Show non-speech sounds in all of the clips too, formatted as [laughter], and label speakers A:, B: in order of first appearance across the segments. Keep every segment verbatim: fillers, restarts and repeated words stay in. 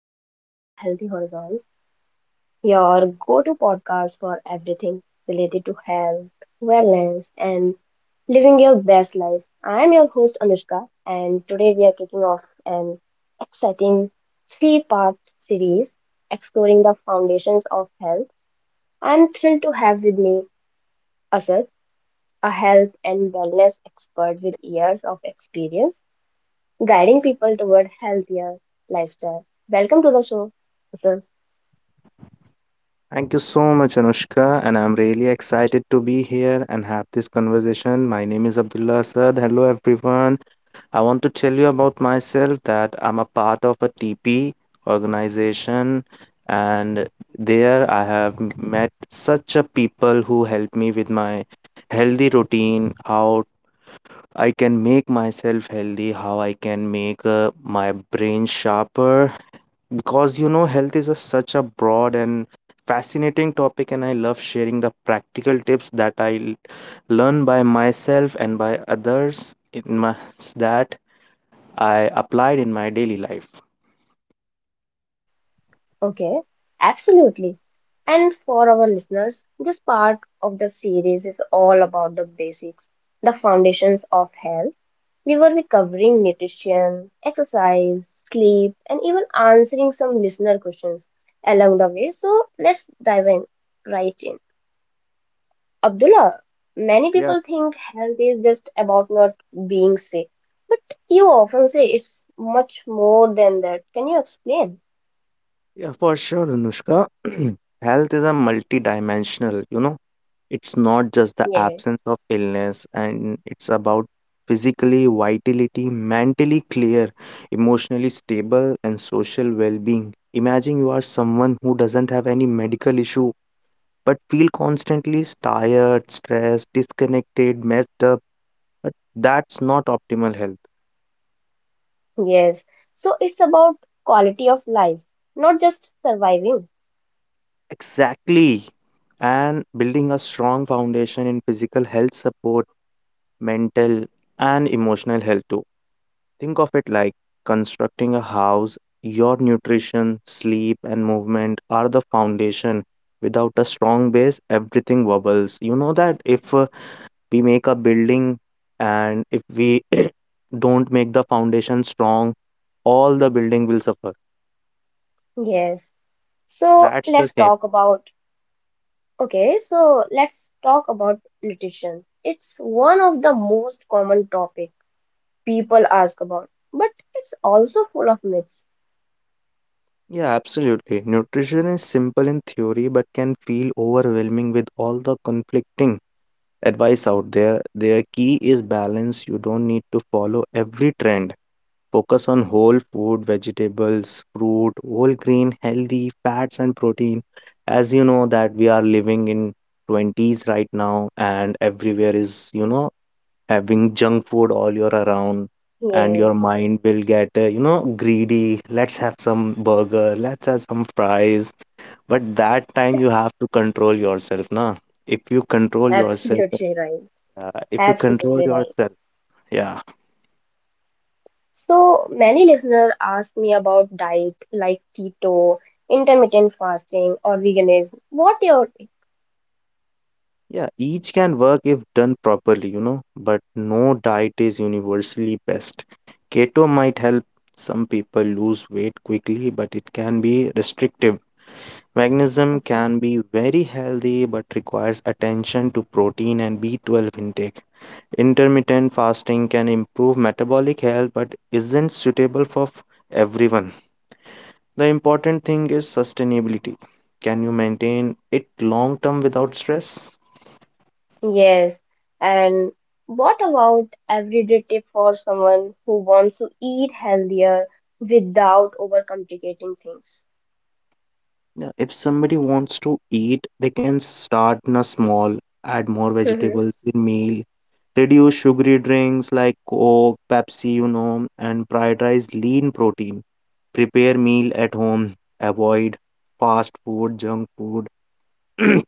A: and welcome to Healthy Horizons, your go to podcast for everything related to health, wellness, and living your best life. I am your host, Anushka, and today we are kicking off an exciting three part series exploring the foundations of health. I'm thrilled to have with me Asad, a health and wellness expert with years of experience guiding people toward healthier lifestyle. Welcome to the show, Asad.
B: Thank you so much, Anushka, and I'm really excited to be here and have this conversation. My name is Abdullah Asad. Hello, everyone. I want to tell you about myself that I'm a part of a T P organization, and there I have m- met such a people who help me with my healthy routine, how I can make myself healthy, how I can make uh, my brain sharper, because you know health is a, such a broad and fascinating topic and i love sharing the practical tips that i l- learn by myself and by others in my that I applied in my daily life.
A: Okay, absolutely. And for our listeners, this part of the series is all about the basics, the foundations of health. We will be covering nutrition, exercise, sleep, and even answering some listener questions along the way. So let's dive in right in. Abdullah, many
B: Yeah.
A: people think health is just about not being sick, but you often say it's much more than that. Can you explain?
B: Yeah, for sure, Anushka. [clears throat] Health is a multidimensional, you know. It's not just the
A: Yes.
B: absence of illness, and it's about physically vitality, mentally clear, emotionally stable, and social well-being. Imagine you are someone who doesn't have any medical issue, but feel constantly tired, stressed, disconnected, messed up. But that's not optimal health.
A: Yes. So it's about quality of life, not just surviving.
B: Exactly. And building a strong foundation in physical health support mental, and emotional health too. Think of it like constructing a house. Your nutrition, sleep, and movement are the foundation. Without a strong base, everything wobbles. You know that if uh, we make a building and if we [coughs] [clears throat] don't make the foundation strong, all the building will suffer.
A: Yes. So
B: That's the
A: let's
B: same
A: talk
B: case.
A: about, okay, so let's talk about nutrition. It's one of the most common topic people ask about, but it's also full of myths.
B: Yeah, absolutely. Nutrition is simple in theory but can feel overwhelming with all the conflicting advice out there. Their key is balance. You don't need to follow every trend. Focus on whole food, vegetables, fruit, whole grain, healthy fats and protein. As you know that we are living in twenties right now and everywhere is, you know, having junk food all year around and your
A: Yes,
B: mind will get, uh, you know, greedy. Let's have some burger, let's have some fries. But that time you have to control yourself, na? If you control yourself
A: absolutely right.
B: uh, if you control
A: Absolutely right.
B: yourself, yeah,
A: So many listeners ask me about diet like keto, intermittent fasting, or veganism. What your
B: yeah, each can work if done properly, you know, but no diet is universally best. Keto might help some people lose weight quickly, but it can be restrictive. Magnesium
A: Okay?
B: can be very healthy, but requires attention to protein and B twelve intake. Intermittent fasting can improve metabolic health, but isn't suitable for f- everyone. The important thing is sustainability. Can you maintain it long term without stress?
A: Yes. And what about everyday tip for someone who wants to eat healthier without overcomplicating things? [laughs]
B: Yeah, if somebody wants to eat, they can start in a small, add more
A: Mhm,
B: vegetables in meal, reduce sugary drinks like Coke, Pepsi, you know, and prioritize lean protein. Prepare meal at home, avoid fast food, junk food. [clears throat]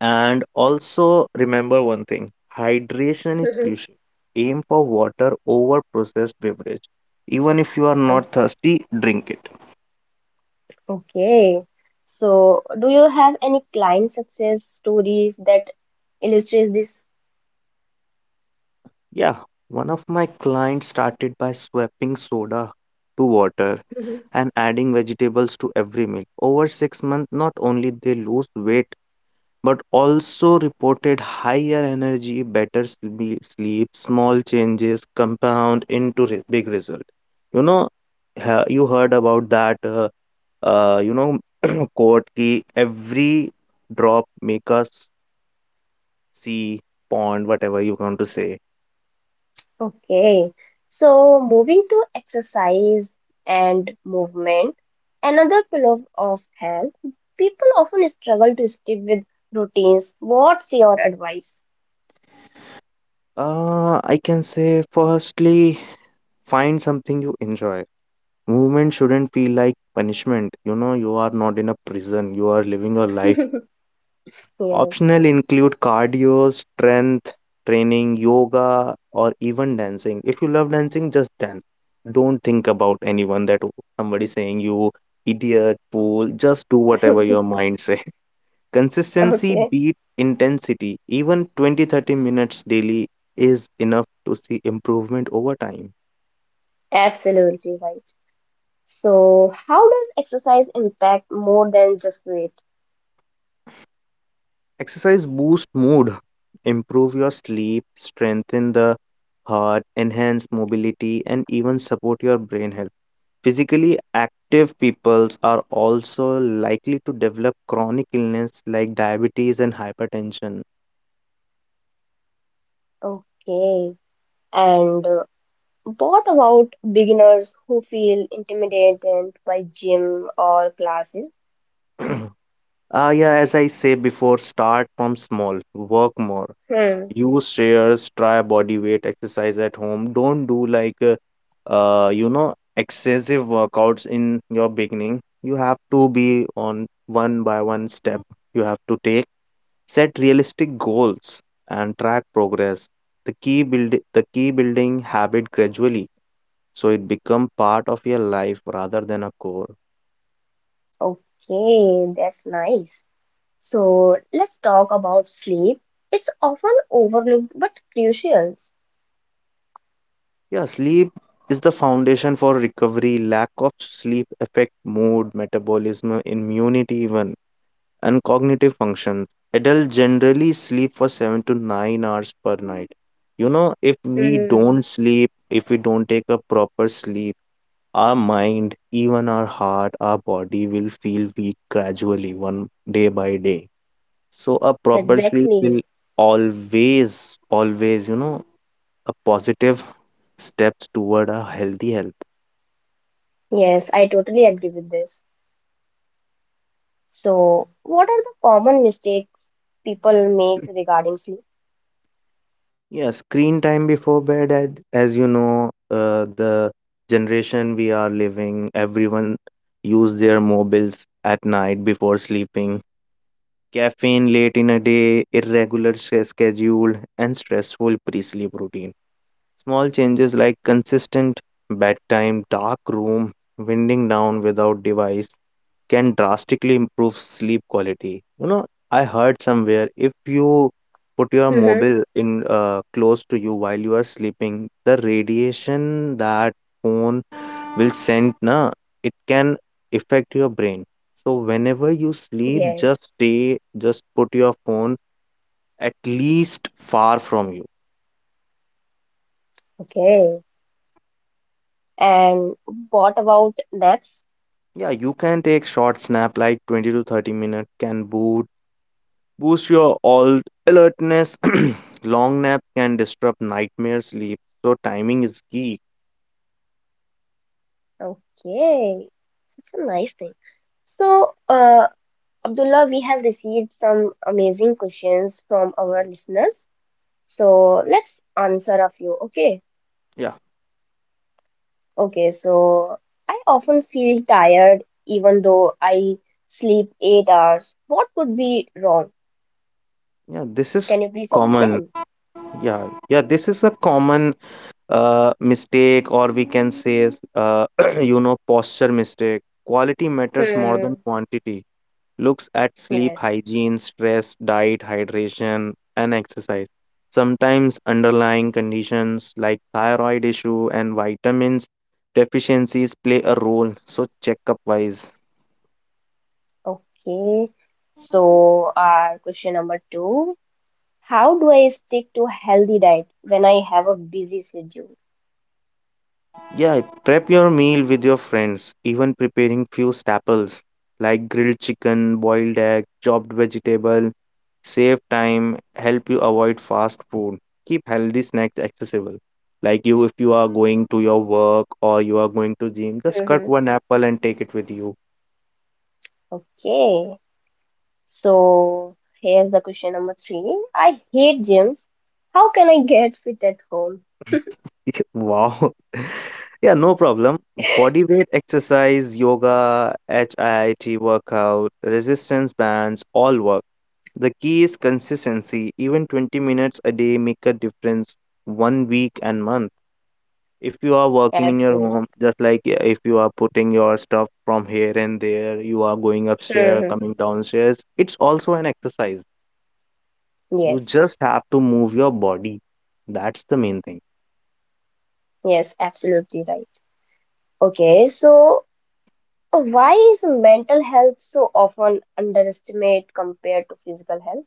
B: And also remember one thing hydration is
A: mhm.
B: crucial. Aim for water over processed beverage. Even if you are
A: Oh,
B: not thirsty, drink it.
A: okay. So, do you have any client success stories that illustrate this?
B: Yeah, one of my clients started by swapping soda to water
A: [laughs] Mhm.
B: and adding vegetables to every meal. Over six months, not only they lose weight but also reported higher energy, better sle- sleep, small changes compound into re- big result. You know, ha- you heard about that, uh, uh, you know, [clears throat] quote ki every drop make us see pond, whatever you want to say.
A: Okay. So, moving to exercise and movement, another pillar of health, people often struggle to stick with routines. What's your advice?
B: Uh, I can say firstly, find something you enjoy. Movement shouldn't feel like punishment. You know, you are not in a prison. You are living your life.
A: [laughs] Yes.
B: Optional include cardio, strength training, yoga, or even dancing. If you love dancing, just dance. Don't think about anyone that w- somebody saying you idiot, fool. Just do whatever your
A: [laughs]
B: mind say. [laughs] Consistency
A: Okay.
B: beat intensity. Even twenty, thirty minutes daily is enough to see improvement over time.
A: Absolutely right. So, how does exercise impact more than just weight?
B: Exercise boosts mood, improve your sleep, strengthen the heart, enhance mobility, and even support your brain health. Physically active peoples are also likely to develop chronic illness like diabetes and hypertension.
A: Okay. And uh, what about beginners who feel intimidated by gym or classes?
B: [clears throat] Ah, yeah, as I say before, start from small, work more,
A: Hmm.
B: use stairs, try body weight exercise at home. Don't do like uh, uh, you know excessive workouts in your beginning. You have to be on one by one step. You have to take set realistic goals and track progress. The key build the key building habit gradually so it become part of your life rather than a core.
A: Okay, that's nice. So, let's talk about sleep. It's often overlooked but crucial.
B: Yeah, sleep is the foundation for recovery. Lack of sleep affect mood, metabolism, immunity even and cognitive functions. Adults generally sleep for seven to nine hours per night. You know, if we don't
A: Hmm.
B: sleep, if we don't take a proper sleep, our mind, even our heart, our body will feel weak gradually, one day by day. So, a proper sleep will
A: Exactly.
B: always, always, you know, a positive steps toward a healthy health.
A: Yes, I totally agree with this. So, what are the common mistakes people make regarding sleep?
B: Yeah, screen time before bed, ad- as you know, uh, the generation we are living, everyone use their mobiles at night before sleeping. Caffeine late in a day, irregular s- schedule, and stressful pre-sleep routine. Small changes like consistent bedtime, dark room, winding down without device can drastically improve sleep quality. You know, I heard somewhere if you put your
A: Mm-hmm.
B: mobile in uh, close to you while you are sleeping, the radiation that phone will send na it can affect your brain. So whenever you sleep,
A: Yes.
B: just stay, just put your phone at least far from you.
A: Okay. And what about naps?
B: Yeah, you can take short snap like twenty to thirty minutes can boot boost your all alertness. [clears throat] Long nap can disrupt nightmare sleep. So timing is key.
A: Okay, such a nice thing. So, uh, Abdullah, we have received some amazing questions from our listeners. So, let's answer a few. Okay.
B: Yeah.
A: Okay. So, I often feel tired even though I sleep eight hours. What could be wrong?
B: Yeah, this is
A: Can you please
B: common.
A: explain?
B: Yeah. Yeah, this is a common uh mistake or we can say is, uh [clears throat] you know posture mistake. Quality matters more than
A: Hmm.
B: quantity. Looks at sleep
A: Yes.
B: hygiene, stress, diet, hydration, and exercise. Sometimes underlying conditions like thyroid issue and vitamins deficiencies play a role, so checkup wise.
A: Okay. So, uh, question number two. How do I stick to healthy diet when I have a busy schedule?
B: Yeah, prep your meal with your friends, even preparing few staples like grilled chicken, boiled egg, chopped vegetable, save time, help you avoid fast food. Keep healthy snacks accessible. Like you if you are going to your work or you are going to gym, just cut
A: Mm-hmm.
B: one apple and take it with you.
A: Okay. So, here's the question number three. I hate gyms. How can I get fit at home?
B: [laughs] Wow. [laughs] Yeah, no problem. Body weight exercise, yoga, HIIT workout, resistance bands, all work. The key is consistency. Even twenty minutes a day make a difference one week and month. If you are working in your
A: Absolutely.
B: home, just like uh, if you are putting your stuff from here and there, you are going upstairs,
A: Mm-hmm.
B: coming downstairs, it's also an exercise. You
A: Yes.
B: just have to move your body. That's the main thing.
A: Yes, absolutely right. Okay. So, uh, why is mental health so often underestimated compared to physical health?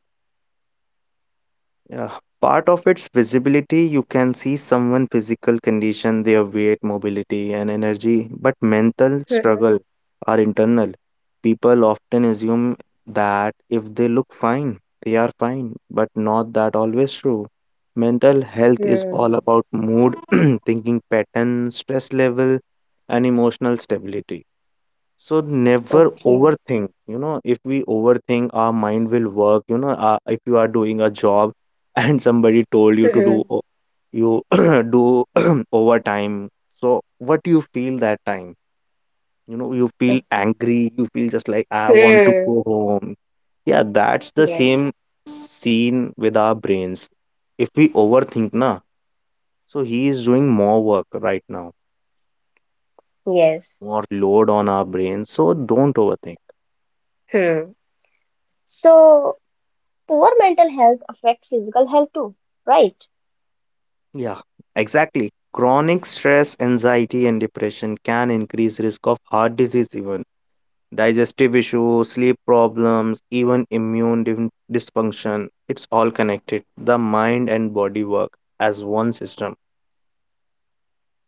B: Yeah, part of its visibility, you can see someone' physical condition, their weight, mobility, and energy, but mental
A: Mm-hmm.
B: struggle are internal. People often assume that if they look fine, they are fine, but not that always true. Mental health is all
A: Hmm.
B: about mood, [clears throat] thinking pattern, stress level, and emotional stability. So never
A: Okay.
B: overthink. You know, if we overthink, our mind will work. You know, uh, if you are doing a job [laughs] and somebody told you to
A: Mhm.
B: do o- you [clears throat] do [clears throat] overtime, so what you feel that time? You know, you feel
A: Okay.
B: angry. You feel just like I want to
A: Hmm.
B: go home. Yeah, that's the
A: Yes.
B: same scene with our brains. If we overthink, na, so he is doing more work right now,
A: Yes.
B: more load on our brain. So don't overthink.
A: Hmm. So, poor mental health affects physical health too, right?
B: Yeah, exactly. Chronic stress, anxiety, and depression can increase risk of heart disease, even digestive issues, sleep problems, even immune dif- dysfunction. It's all connected. The mind and body work as one system.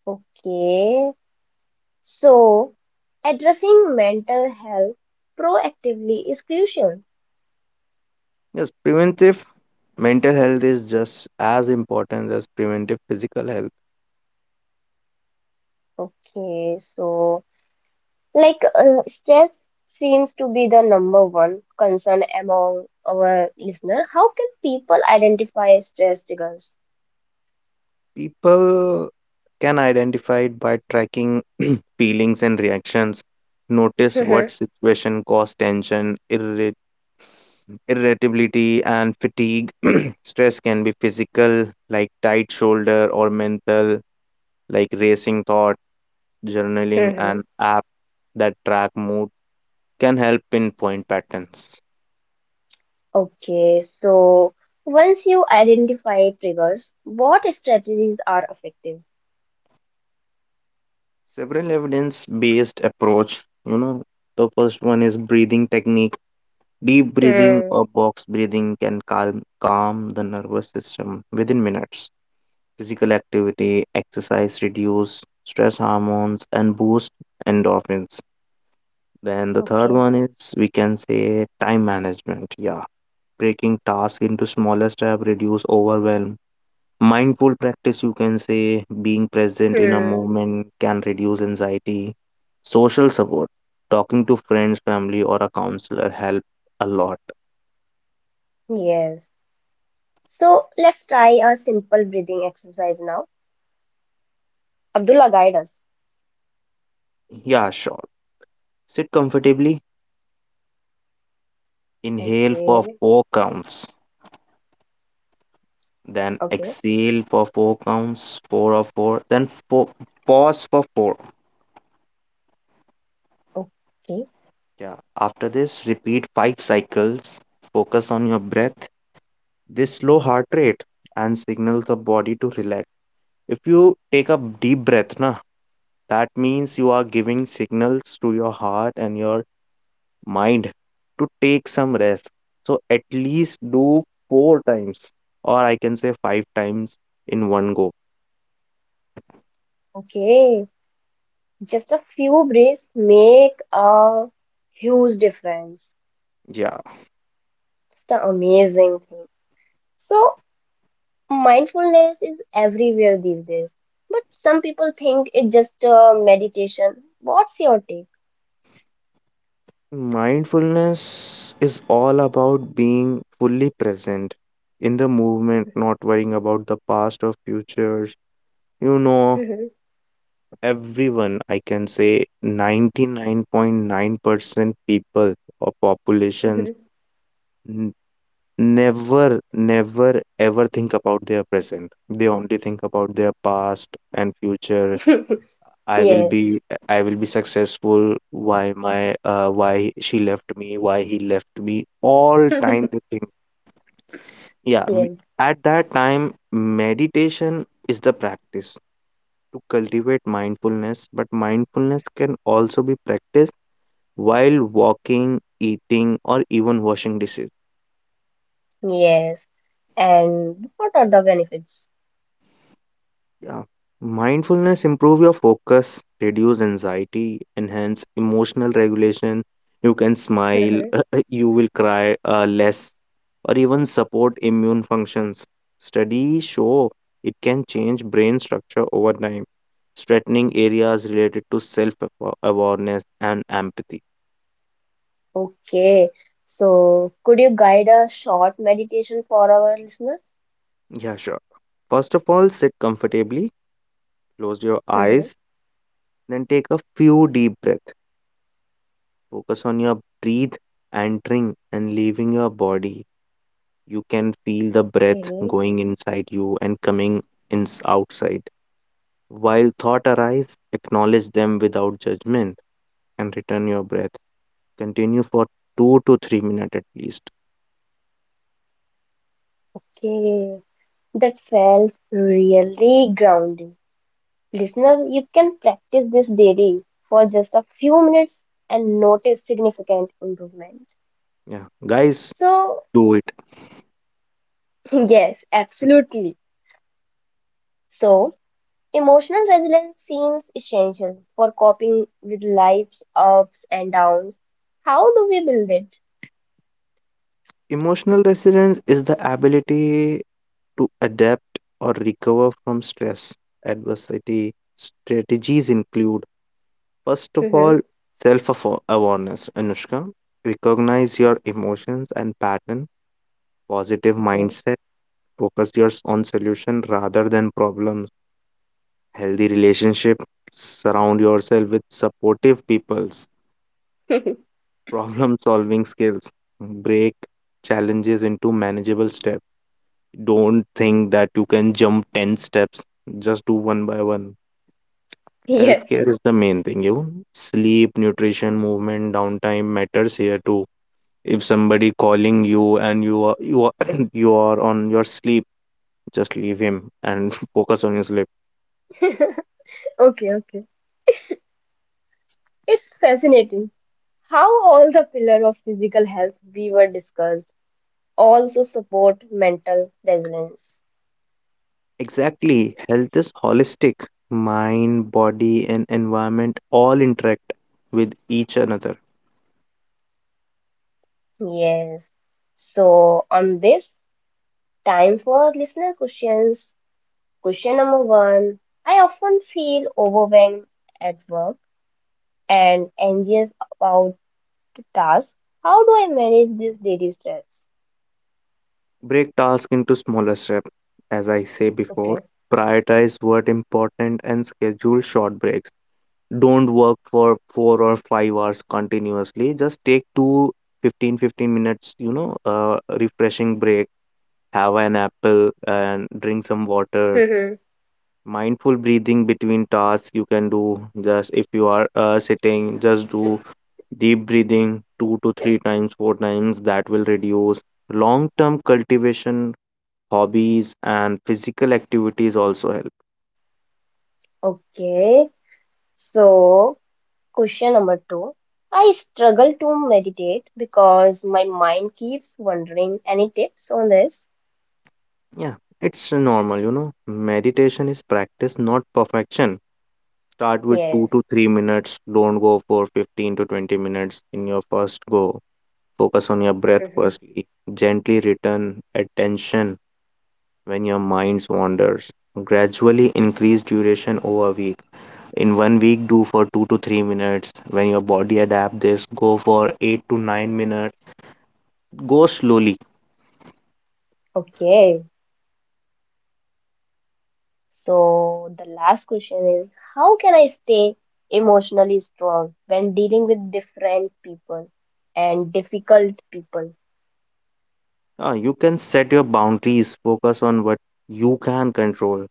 A: Okay. So, addressing mental health proactively is crucial.
B: Yes, preventive mental health is just as important as preventive physical health.
A: Okay. So, like uh, stress seems to be the number one concern among our listener. How can people identify stress triggers?
B: People can identify it by tracking [clears throat] feelings and reactions. Notice what situation caused tension, irritation irritability and fatigue. [clears throat] Stress can be physical, like tight shoulder, or mental, like racing thought. Journaling and
A: [laughs]
B: app that track mood can help pinpoint patterns.
A: Okay, so once you identify triggers, what strategies are effective?
B: Several evidence based approach. You know, the first one is breathing technique. Deep breathing
A: Hmm.
B: or box breathing can calm calm the nervous system within minutes. Physical activity, exercise reduce stress hormones and boost endorphins. Then the third
A: Okay,
B: one is we can say time management. Yeah, breaking tasks into smaller steps, reduce overwhelm. Mindful practice, you can say, being present in a
A: hmm,
B: moment can reduce anxiety. Social support, talking to friends, family, or a counselor help a lot.
A: yes. So let's try a simple breathing exercise now. Abdullah, guide us.
B: Yeah, sure. Sit comfortably, inhale for
A: Okay,
B: four counts, then
A: okay,
B: exhale for four counts, four or four, then four, pause for four.
A: okay,
B: Yeah. After this, repeat five cycles. Focus on your breath. This slow heart rate and signal the body to relax. If you take a deep breath, na, that means you are giving signals to your heart and your mind to take some rest. So at least do four times, or I can say five times in one go.
A: okay. Just a few breaths make a huge difference.
B: Yeah.
A: It's an amazing thing. So Mindfulness is everywhere these days, but some people think it's just uh, meditation. What's your take?
B: Mindfulness is all about being fully present in the movement, not worrying about the past or futures. You know,
A: [laughs]
B: everyone, I can say ninety-nine point nine percent people or populations n- never, never ever think about their present. They only think about their past and future. I will
A: Yes,
B: be I will be successful. Why my uh, why she left me? Why he left me? All time they
A: [laughs]
B: think. Yeah, we,
A: yes,
B: at that time, meditation is the practice to cultivate mindfulness. But mindfulness can also be practiced while walking, eating, or even washing dishes.
A: yes. And what are the benefits? [laughs]
B: Yeah. Mindfulness improve your focus, reduce anxiety, enhance emotional regulation. You can smile,
A: Mhm.
B: [laughs] you will cry uh, less, or even support immune functions. Studies show it can change brain structure over time, strengthening areas related to self awareness and empathy.
A: Okay, so could you guide a short meditation for our listeners?
B: Yeah, sure. First of all, sit comfortably, close your
A: [laughs] Mhm.
B: eyes, then take a few deep breaths. Focus on your breathe entering and leaving your body. You can feel the breath
A: Okay,
B: going inside you and coming in outside. While thought arise, acknowledge them without judgment and return your breath. Continue for two to three minutes at least.
A: okay. That felt really grounding. Listener, you can practice this daily for just a few minutes and notice significant improvement.
B: Yeah, guys,
A: So,
B: do it.
A: [laughs] yes, absolutely. So, emotional resilience seems essential for coping with life's ups and downs. How do we build it?
B: Emotional resilience is the ability to adapt or recover from stress. Adversity strategies include, first of
A: Hmm.
B: all, self awareness, Anushka. Recognize your emotions and pattern, positive
A: Okay.
B: mindset, focus yours on solution rather than problems, healthy relationship, surround yourself with supportive peoples,
A: [laughs]
B: problem solving skills. Break challenges into manageable steps. Don't think that you can jump ten steps, just do one by one. Self
A: Yes.
B: care is the main thing, you Sleep, nutrition, movement, downtime matters here too. If somebody calling you and you are you are [clears throat] you are on your sleep, just leave him and [laughs] focus on your sleep.
A: [laughs] Okay, okay. It's fascinating how all the pillar of physical health we were discussed also support mental resilience.
B: Exactly. Health is holistic. Mind, body, and environment all interact with each another.
A: Yes. So on this time for listener questions, question number one. I often feel overwhelmed at work and anxious about the task. How do I manage this daily stress?
B: Break tasks into smaller steps. As I say before,
A: Okay.
B: prioritize what important and schedule short breaks. Don't work for four or five hours continuously. Just take two fifteen fifteen minutes, you know, uh, refreshing break, have an apple and drink some water.
A: Hmm.
B: Mindful breathing between tasks you can do just if you are uh, sitting, just do deep breathing two to three times, four times. That will reduce long term cultivation hobbies and physical activities also help.
A: Okay. So question number two. I struggle to meditate because my mind keeps wandering. Any tips on this?
B: Yeah, it's normal, you know, meditation is practice not perfection. Start with two
A: Yes.
B: to three minutes, don't go for fifteen to twenty minutes in your first go. Focus on your breath
A: Hmm.
B: firstly, gently return attention when your mind wanders, gradually increase duration over a week. In one week do for two to three minutes. When your body adapt this, go for eight to nine minutes. Go slowly.
A: Okay. So, the last question is how can I stay emotionally strong when dealing with different people and difficult people?
B: Uh, you can set your boundaries, focus on what you can control.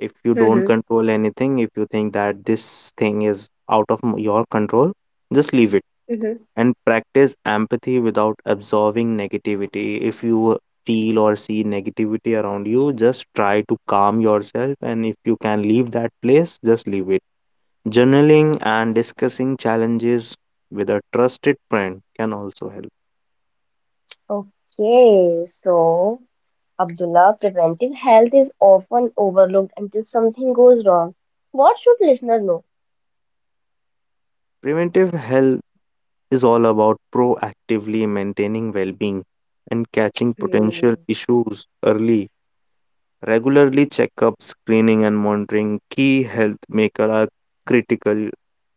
B: If you don't
A: Mm-hmm.
B: control anything, if you think that this thing is out of m- your control, just leave it
A: Mm-hmm.
B: and practice empathy without absorbing negativity. If you feel or see negativity around you, just try to calm yourself. And if you can leave that place, just leave it. Journaling and discussing challenges with a trusted friend can also help.
A: Okay, so Abdullah, preventive health is often overlooked until something goes wrong. What should listener know?
B: Preventive health is all about proactively maintaining well being and catching potential
A: Hmm.
B: issues early. Regularly checkups, screening, and monitoring key health maker are critical.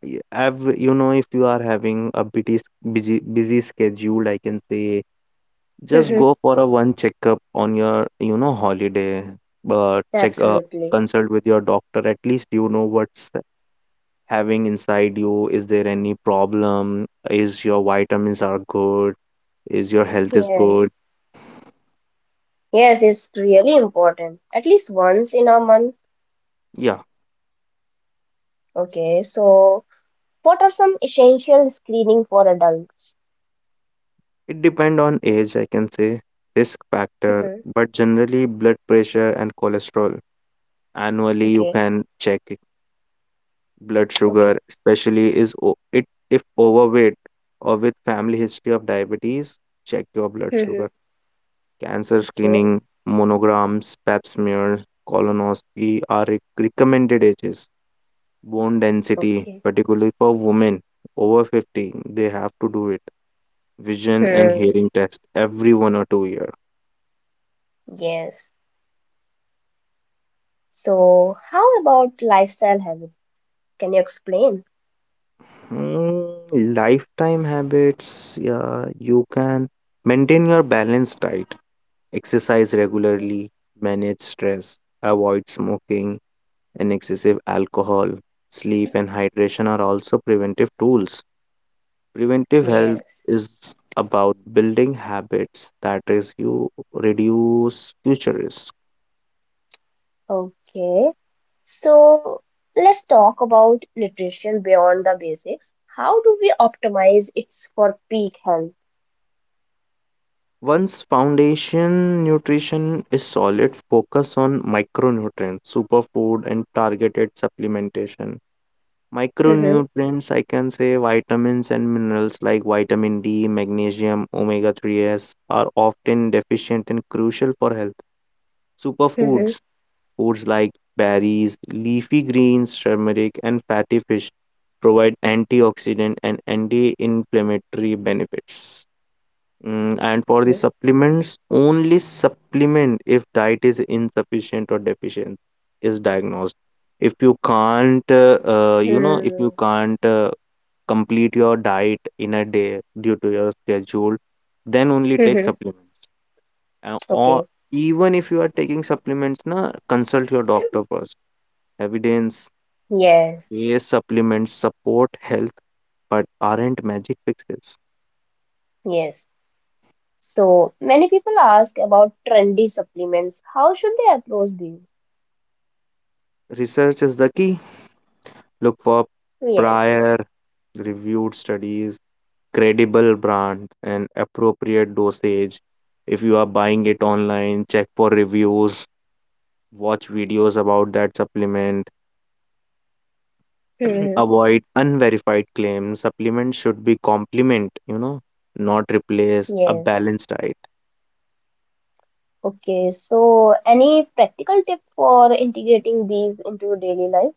B: Y- Have, you know, if you are having a busy, s- busy, busy schedule, I can say just
A: Mm-hmm.
B: go for a one checkup on your, you know, holiday. But check, uh,
A: Absolutely.
B: consult with your doctor. At least you know what's having inside you. Is there any problem? Is your vitamins are good? Is your health is
A: Yes.
B: good?
A: Yes, it's really important. At least once in a month.
B: Yeah,
A: Okay, so what are some essential screening for adults?
B: it depend on age, I can say risk factor,
A: Mm-hmm.
B: but generally blood pressure and cholesterol annually you
A: Okay.
B: can check it. Blood
A: Okay.
B: sugar especially is o- it if overweight or with family history of diabetes, check your blood
A: Mm-hmm.
B: sugar. Cancer
A: Okay.
B: screening, monograms, pap smears, colonoscopy are rec- recommended ages. Bone density,
A: Okay.
B: particularly for women over fifty, they have to do it. Vision and
A: Hmm.
B: hearing test every one or two year.
A: Yes. So, how about lifestyle habit? Can you explain?
B: Hmm, lifetime habits, yeah, you can maintain your balanced diet, exercise
A: Okay.
B: regularly, manage stress, avoid smoking and excessive alcohol. Sleep and hydration are also preventive tools. Preventive health
A: Yes.
B: is about building habits that is you reduce future risk.
A: Okay. So, let's talk about nutrition beyond the basics. How do we optimize it for peak health?
B: Once foundation nutrition is solid, focus on micronutrients, superfood, and targeted supplementation.
A: Mm-hmm.
B: Micronutrients, I can say vitamins and minerals like vitamin D, magnesium, omega threes are often deficient and crucial for health.
A: Mm-hmm.
B: Superfoods, foods like berries, leafy greens, turmeric, and fatty fish provide antioxidant and anti-inflammatory benefits. Mm, and for the
A: Okay.
B: supplements, only supplement if diet is insufficient or deficient is diagnosed. If you can't, uh, uh, you know, if you
A: Hmm.
B: can't uh, complete your diet in a day due to your schedule, then only take
A: Mm-hmm.
B: supplements. Uh, or
A: Okay.
B: even if you are taking supplements, na consult your doctor first. Evidence
A: Yes.
B: based supplements support health but aren't magic fixes.
A: Yes. So, many people ask about trendy supplements. How should they approach these?
B: Research is the key. Look for
A: Yes.
B: prior reviewed studies, credible brands, and appropriate dosage. If you are buying it online, check for reviews, watch videos about that supplement, [clears throat]
A: Hmm,
B: avoid unverified claims. Supplements should be complement, you know, not replace a
A: yes.
B: balanced diet.
A: Okay. So, any practical tip for integrating these into daily life?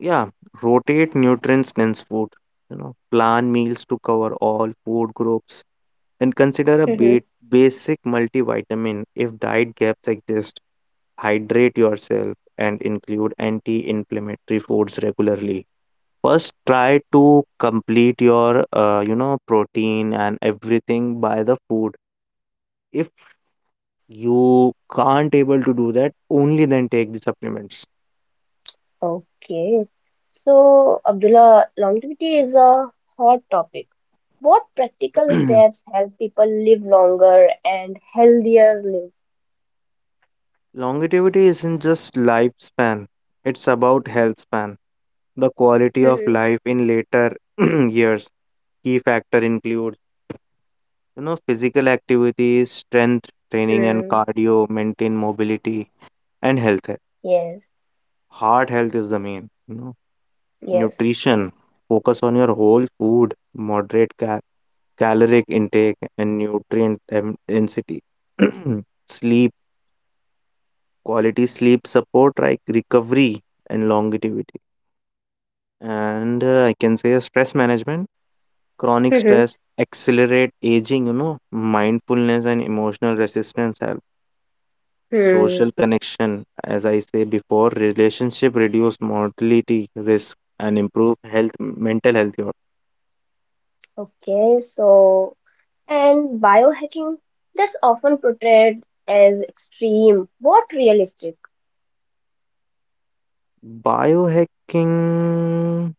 B: Yeah, rotate nutrient-dense food. You know, plan meals to cover all food groups and consider a
A: Mhm.
B: ba- basic multivitamin if diet gaps exist. Hydrate yourself and include anti-inflammatory foods regularly. First, try to complete your, uh, you know, protein and everything by the food. If you can't able to do that, only then take the supplements.
A: Okay. So, Abdullah, longevity is a hot topic. What practical
B: [clears throat]
A: steps help people live longer and healthier lives?
B: Longevity isn't just lifespan, it's about health span, the quality of
A: Mhm.
B: life in later [clears throat] years. Key factor includes, you know, physical activities, strength training and
A: Hmm.
B: cardio, maintain mobility and health.
A: Yes.
B: Heart health is the main, you know.
A: Yes.
B: Nutrition, focus on your whole food, moderate cal- caloric intake and nutrient em- density. [clears throat] Sleep, quality sleep support, like recovery and longevity. And uh, I can say stress management, chronic
A: Mhm.
B: stress accelerate aging, you know, mindfulness and emotional resistance help. Social
A: Hmm.
B: connection, as I say before, relationship reduce mortality risk and improve health, mental health. your-
A: Okay. So, and biohacking that's often portrayed as extreme. What realistic?
B: Biohacking,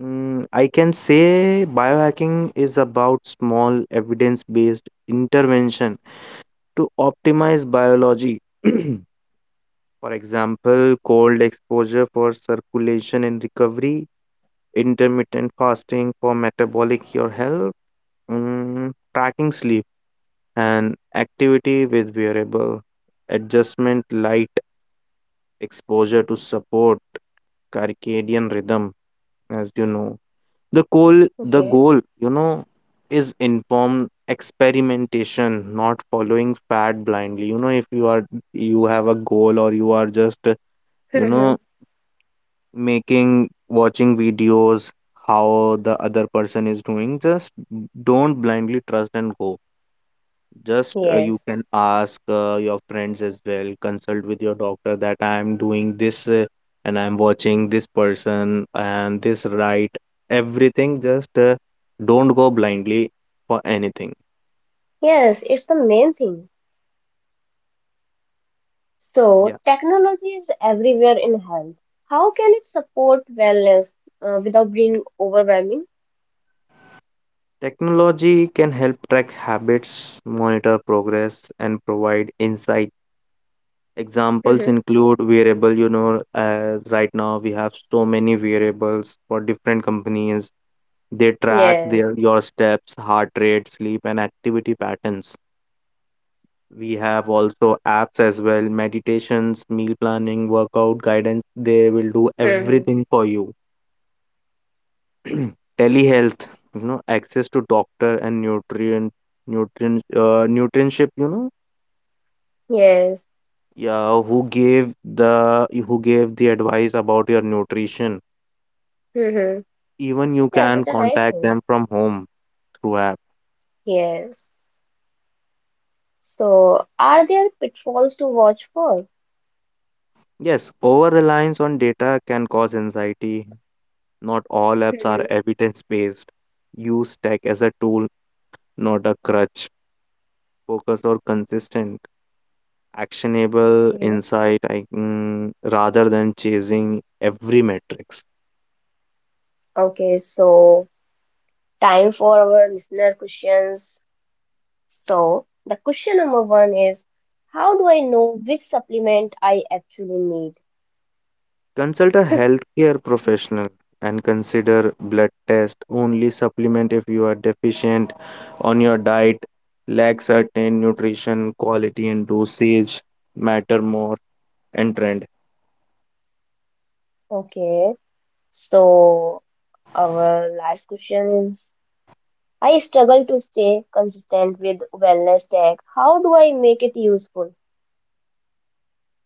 B: mm, I can say biohacking is about small evidence-based intervention to optimize biology. [clears throat] For example, cold exposure for circulation and recovery, intermittent fasting for metabolic your health, mm, tracking sleep and activity with wearable, adjustment light exposure to support circadian rhythm, as you know. The goal the
A: Okay.
B: goal, you know, is informed experimentation, not following fad blindly. You know, if you are, you have a goal, or you are just, you know
A: [laughs]
B: making, watching videos how the other person is doing. Just don't blindly trust and go. Just uh, you
A: Yes,
B: can ask uh, your friends as well, consult with your doctor that I am doing this uh, and I am watching this person and this right, everything. Just uh, don't go blindly for anything.
A: yes, it's the main thing.
B: Yeah,
A: So, technology is everywhere in health. How can it support wellness uh, without being overwhelming?
B: technology can help track habits, monitor progress, and provide insight.
A: [laughs]
B: Examples
A: Hmm.
B: include variable, you know, as right now we have so many variables for different companies. They track
A: Yes.
B: their your steps, heart rate, sleep, and activity patterns. We have also apps as well, meditations, meal planning, workout guidance. They will do
A: Hmm.
B: everything for you. [clears throat] Telehealth, you know, access to doctor and nutrient nutrient uh, nutritionship, you know,
A: Yes.
B: yeah, who gave the who gave the advice about your nutrition.
A: Hmm.
B: Even you
A: Yeah, such
B: can
A: a nice
B: contact
A: thing.
B: them from home through app.
A: Yes. So, are there pitfalls to watch for?
B: Yes, over reliance on data can cause anxiety. Not all
A: [laughs]
B: apps are
A: Hmm.
B: evidence based. Use tech as a tool, not a crutch. Focused or consistent actionable
A: Okay.
B: insight I, mm, rather than chasing every metrics.
A: Okay, so time for our listener questions. So, the question number one is, how do I know which supplement I actually need?
B: Consult a healthcare professional and consider blood test, only supplement if you are deficient on your diet, lack certain nutrition, quality, and dosage matter more and trend.
A: Okay, so our last question is, I struggle to stay consistent with wellness tech. How do I make it useful?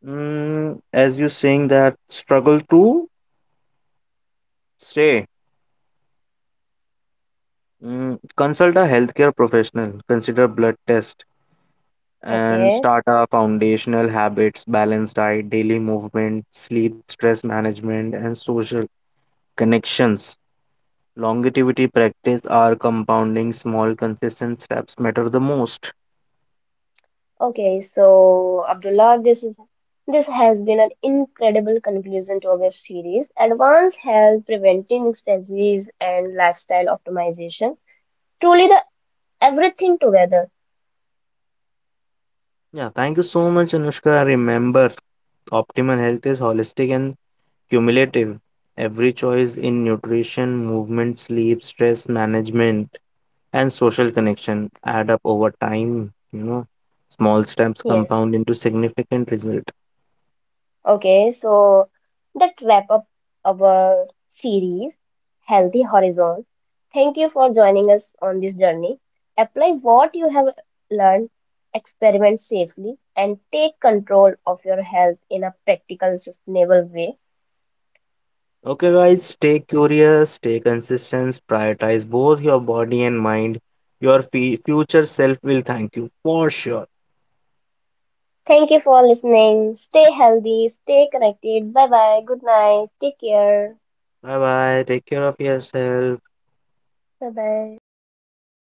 B: Mm, as you saying that struggle to stay, mm, consult a healthcare professional, consider blood test, and
A: Okay,
B: start a foundational habits, balanced diet, daily movement, sleep, stress management, and social connections. Longevity practice are compounding small consistent steps matter the most.
A: okay, so Abdullah, this is this has been an incredible conclusion to our series, Advanced Health, Preventing Disease and Lifestyle Optimization. Truly the everything together.
B: Yeah, thank you so much, Anushka. Remember, optimal health is holistic and cumulative. Every choice in nutrition, movement, sleep, stress management, and social connection add up over time. You know, small steps
A: Yes.
B: compound into significant result.
A: Okay, so that wrap up our series, Healthy Horizon. Thank you for joining us on this journey. Apply what you have learned, experiment safely, and take control of your health in a practical, sustainable way.
B: Okay, guys, stay curious, stay consistent, prioritize both your body and mind. Your fe future self will thank you for sure.
A: Thank you for listening. Stay healthy, stay connected. Bye bye. Good night. Take care.
B: Bye bye. Take care of yourself.
A: Bye bye.